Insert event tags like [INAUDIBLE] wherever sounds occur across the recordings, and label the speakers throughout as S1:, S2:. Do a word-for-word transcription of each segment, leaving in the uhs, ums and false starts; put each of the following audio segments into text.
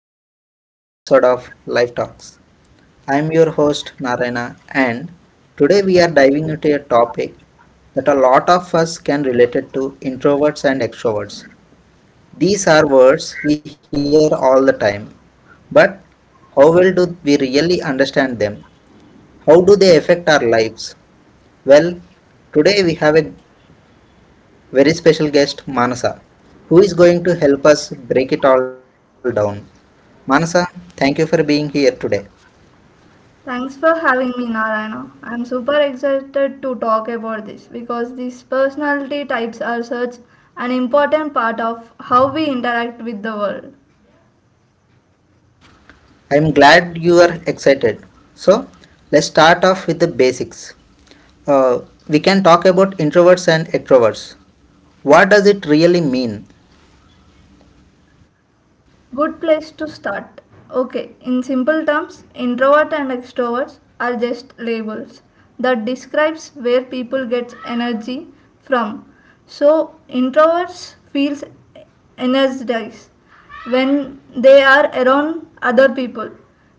S1: welcome to another episode of Life Talks. I'm your host Narayana and today we are diving into a topic that a lot of us can relate it to introverts and extroverts. These are words we hear all the time, but how well do we really understand them? How do they affect our lives? Well, today we have a very special guest Manasa who is going to help us break it all down. Manasa, thank you for being here today.
S2: Thanks for having me, Narayana. I'm super excited to talk about this because these personality types are such an important part of how we interact with the world.
S1: I'm glad you are excited. So, let's start off with the basics. Uh, we can talk about introverts and extroverts. What does it really mean?
S2: Good place to start. Okay, in simple terms, introvert and extroverts are just labels that describes where people get energy from. So, introverts feels energized when they are around other people.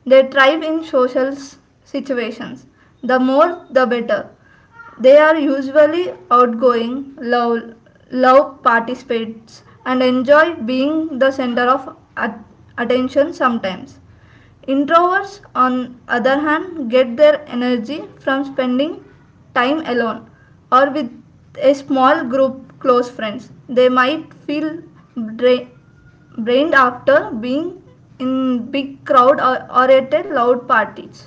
S2: They thrive in social s- situations. The more the better. They are usually outgoing, love, love participates, and enjoy being the center of at- attention sometimes. Introverts, on other hand, get their energy from spending time alone or with a small group close friends. They might feel dra- drained after being in big crowd or, or at a loud parties.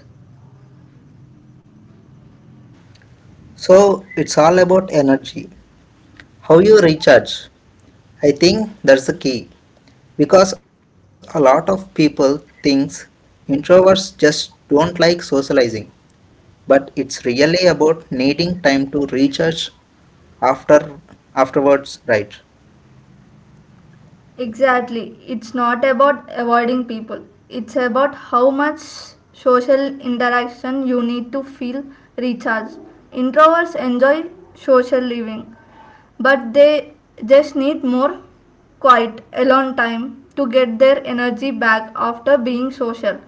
S1: So, it's all about energy. How you recharge. I think that's the key because a lot of people thinks introverts just don't like socializing, but it's really about needing time to recharge after afterwards, right?
S2: Exactly. It's not about avoiding people. It's about how much social interaction you need to feel recharged. Introverts enjoy social living, but they just need more quiet, alone time to get their energy back after being social.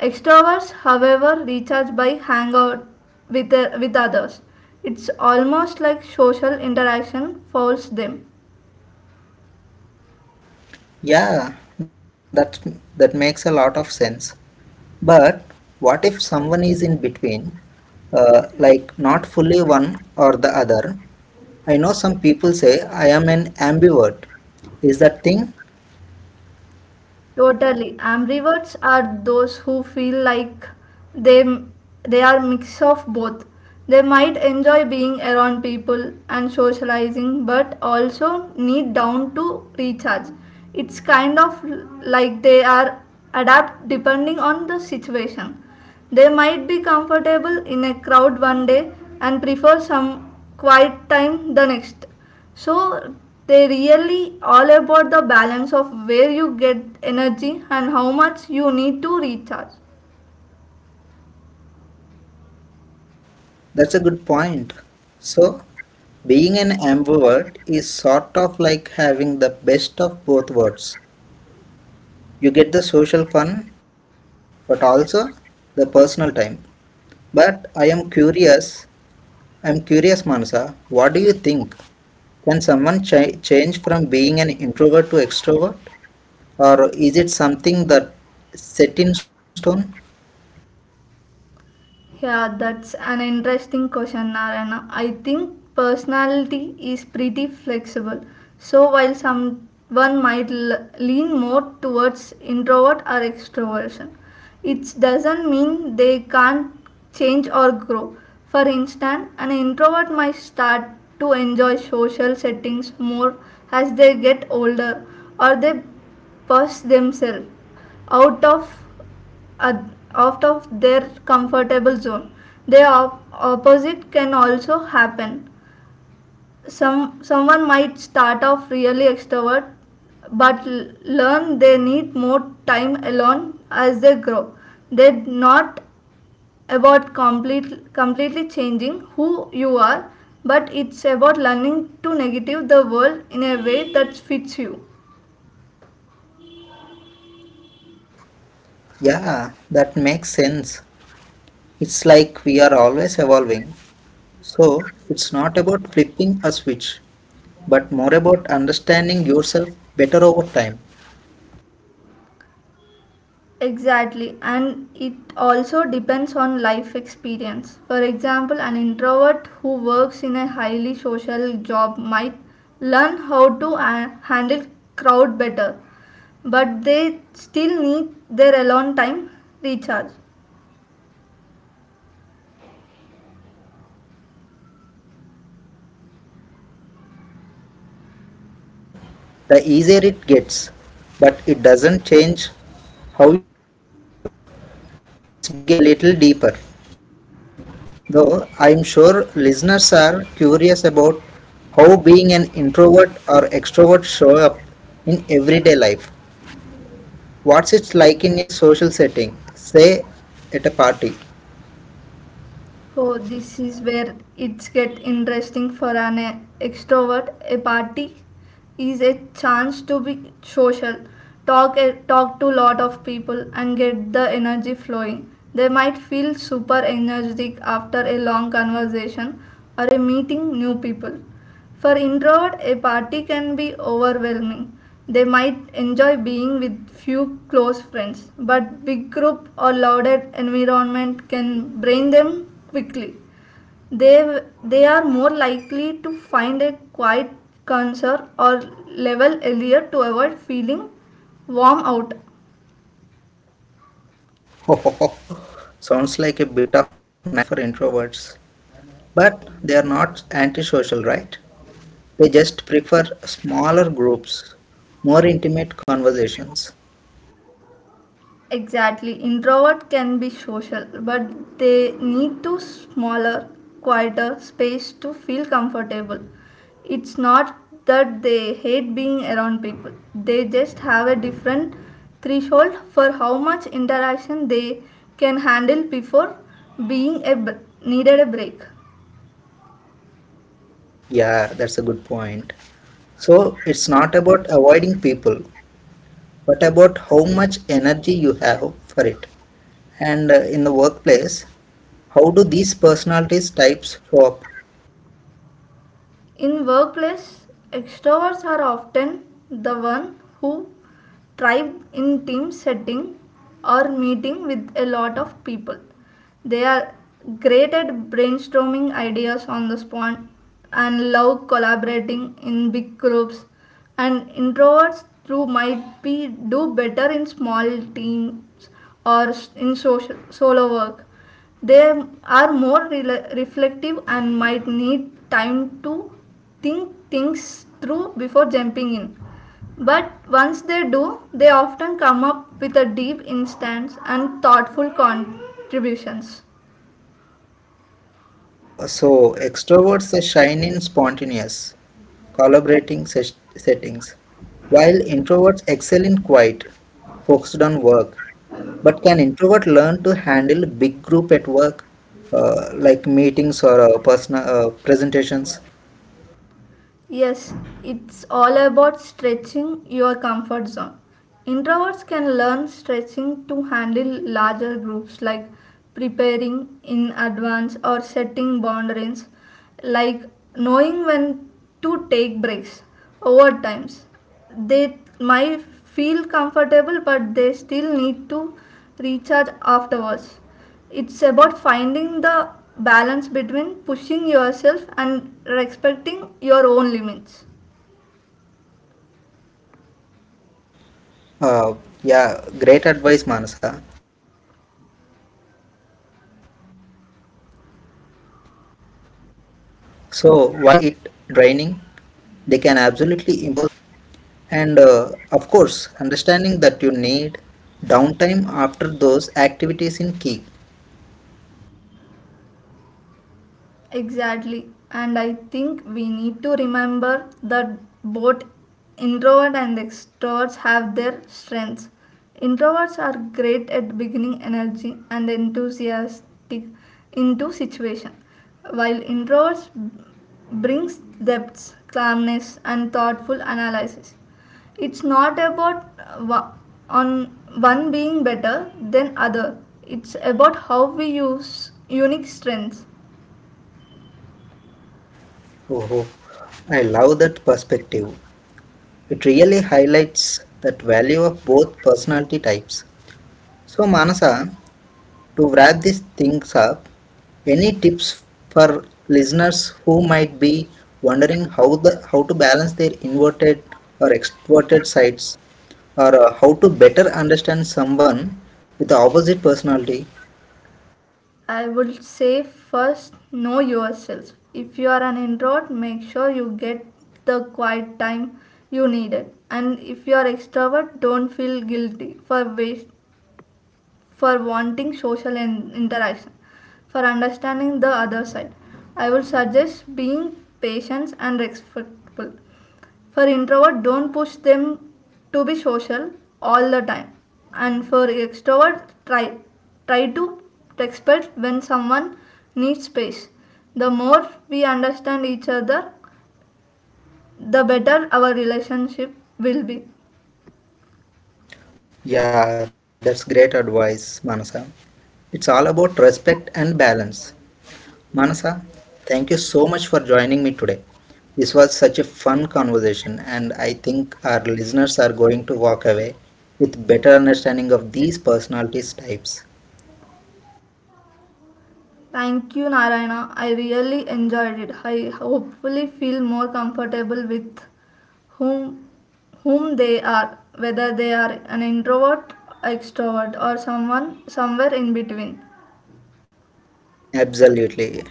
S2: Extroverts, however, recharge by hangout with, with others. It's almost like social interaction fouls them.
S1: Yeah, that that makes a lot of sense. But what if someone is in between, uh, like not fully one or the other? I know some people say I am an ambivert. Is that thing?
S2: Totally. Ambiverts are those who feel like they they are mix of both. They might enjoy being around people and socializing but also need down to recharge. It's kind of like they are adapt depending on the situation. They might be comfortable in a crowd one day and prefer some quiet time the next, so they really all about the balance of where you get energy and how much you need to recharge.
S1: That's a good point. So, being an ambivert is sort of like having the best of both worlds. You get the social fun, but also the personal time. But I am curious I'm curious, Manasa, what do you think? Can someone ch- change from being an introvert to extrovert? Or is it something that set in stone?
S2: Yeah, that's an interesting question, Narayana. I think personality is pretty flexible. So while someone might l- lean more towards introvert or extroversion, it doesn't mean they can't change or grow. For instance, an introvert might start to enjoy social settings more as they get older or they push themselves out of uh, out of their comfortable zone. The op- opposite can also happen. Some someone might start off really extrovert, but l- learn they need more time alone as they grow. They're not about complete, completely changing who you are, but it's about learning to negative the world in a way that fits you.
S1: Yeah, that makes sense. It's like we are always evolving. So, it's not about flipping a switch, but more about understanding yourself better over time.
S2: Exactly, and it also depends on life experience. For example, an introvert who works in a highly social job might learn how to uh, handle crowd better, but they still need their alone time recharge.
S1: Right? It's like a muscle. The more you participate something, the easier it gets, but it doesn't change how you fundamental are. Let's dig a little deeper. Though I'm sure listeners are curious about how being an introvert or extrovert show up in everyday life. What's it like in a social setting? Say at a party.
S2: Oh, this is where it's get interesting for an uh, extrovert. A party is a chance to be social, talk uh, talk to lot of people, and get the energy flowing. They might feel super energetic after a long conversation or a meeting new people. For introvert, a party can be overwhelming. They might enjoy being with few close friends, but big group or louded environment can drain them quickly. They, they are more likely to find a quiet concert or level earlier to avoid feeling warm out.
S1: [LAUGHS] Sounds like a bit of nightmare for introverts. But they are not antisocial, right? They just prefer smaller groups, more intimate conversations.
S2: Exactly. Introvert can be social, but they need to smaller, quieter space to feel comfortable. It's not that they hate being around people. They just have a different threshold for how much interaction they can handle before being a br- needed a break.
S1: Yeah, that's a good point. So it's not about avoiding people, but about how much energy you have for it. And uh, in the workplace, how do these personalities types show up?
S2: In workplace, extroverts are often the one who thrive in team setting or meeting with a lot of people. They are great at brainstorming ideas on the spot and love collaborating in big groups. And introverts too might be do better in small teams or s- in social, solo work they are more rela reflective and might need time to think things through before jumping in. But once they do, they often come up with a deep instance and thoughtful contributions.
S1: Uh, so extroverts shine in spontaneous, collaborating ses- settings, while introverts excel in quiet, focused on work. But can introvert learn to handle big group at work, uh, like meetings or uh, personal uh, presentations?
S2: Yes, it's all about stretching your comfort zone. Introverts can learn stretching to handle larger groups like preparing in advance or setting boundaries, like knowing when to take breaks over times. They might feel comfortable, but they still need to recharge afterwards. It's about finding the balance between pushing yourself and respecting your own limits.
S1: Uh, yeah, great advice, Manasa. So while introverts may find it draining, they can absolutely improve in those social or high energy situation with practices. And uh, of course, understanding that you need downtime after those activities in key.
S2: Exactly. And I think we need to remember that both introvert and extroverts have their strengths. Introverts are great at bringing energy and enthusiastic into situation, while introverts brings depth, calmness and thoughtful analysis. It's not about uh, wa- on one being better than other. It's about how we use unique strengths.
S1: Oh, oh, I love that perspective. It really highlights that value of both personality types. So, Manasa, to wrap these things up, any tips for listeners who might be wondering how the how to balance their inverted or extroverted sides, or uh, how to better understand someone with the opposite personality?
S2: I would say first know yourself. If you are an introvert, make sure you get the quiet time you needed. And if you are extrovert, don't feel guilty for waste, for wanting social in- interaction, for understanding the other side. I would suggest being patient and respectful. For introvert, don't push them to be social all the time. And for extrovert, try try to respect when someone needs space. The more we understand each other, the better our relationship will be.
S1: Yeah, that's great advice, Manasa. It's all about respect and balance. Manasa, thank you so much for joining me today. This was such a fun conversation, and I think our listeners are going to walk away with better understanding of these personalities types.
S2: Thank you, Narayana. I really enjoyed it. I hopefully feel more comfortable with whom whom they are, whether they are an introvert, extrovert, or someone somewhere in between.
S1: Absolutely.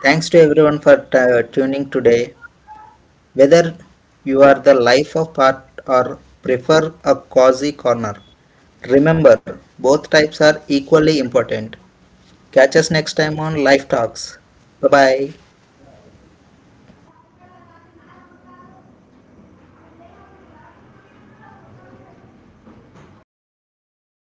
S1: Thanks to everyone for t- uh, tuning today. Whether you are the life of part or prefer a cozy corner, remember both types are equally important. Catch us next time on Life Talks. Bye bye.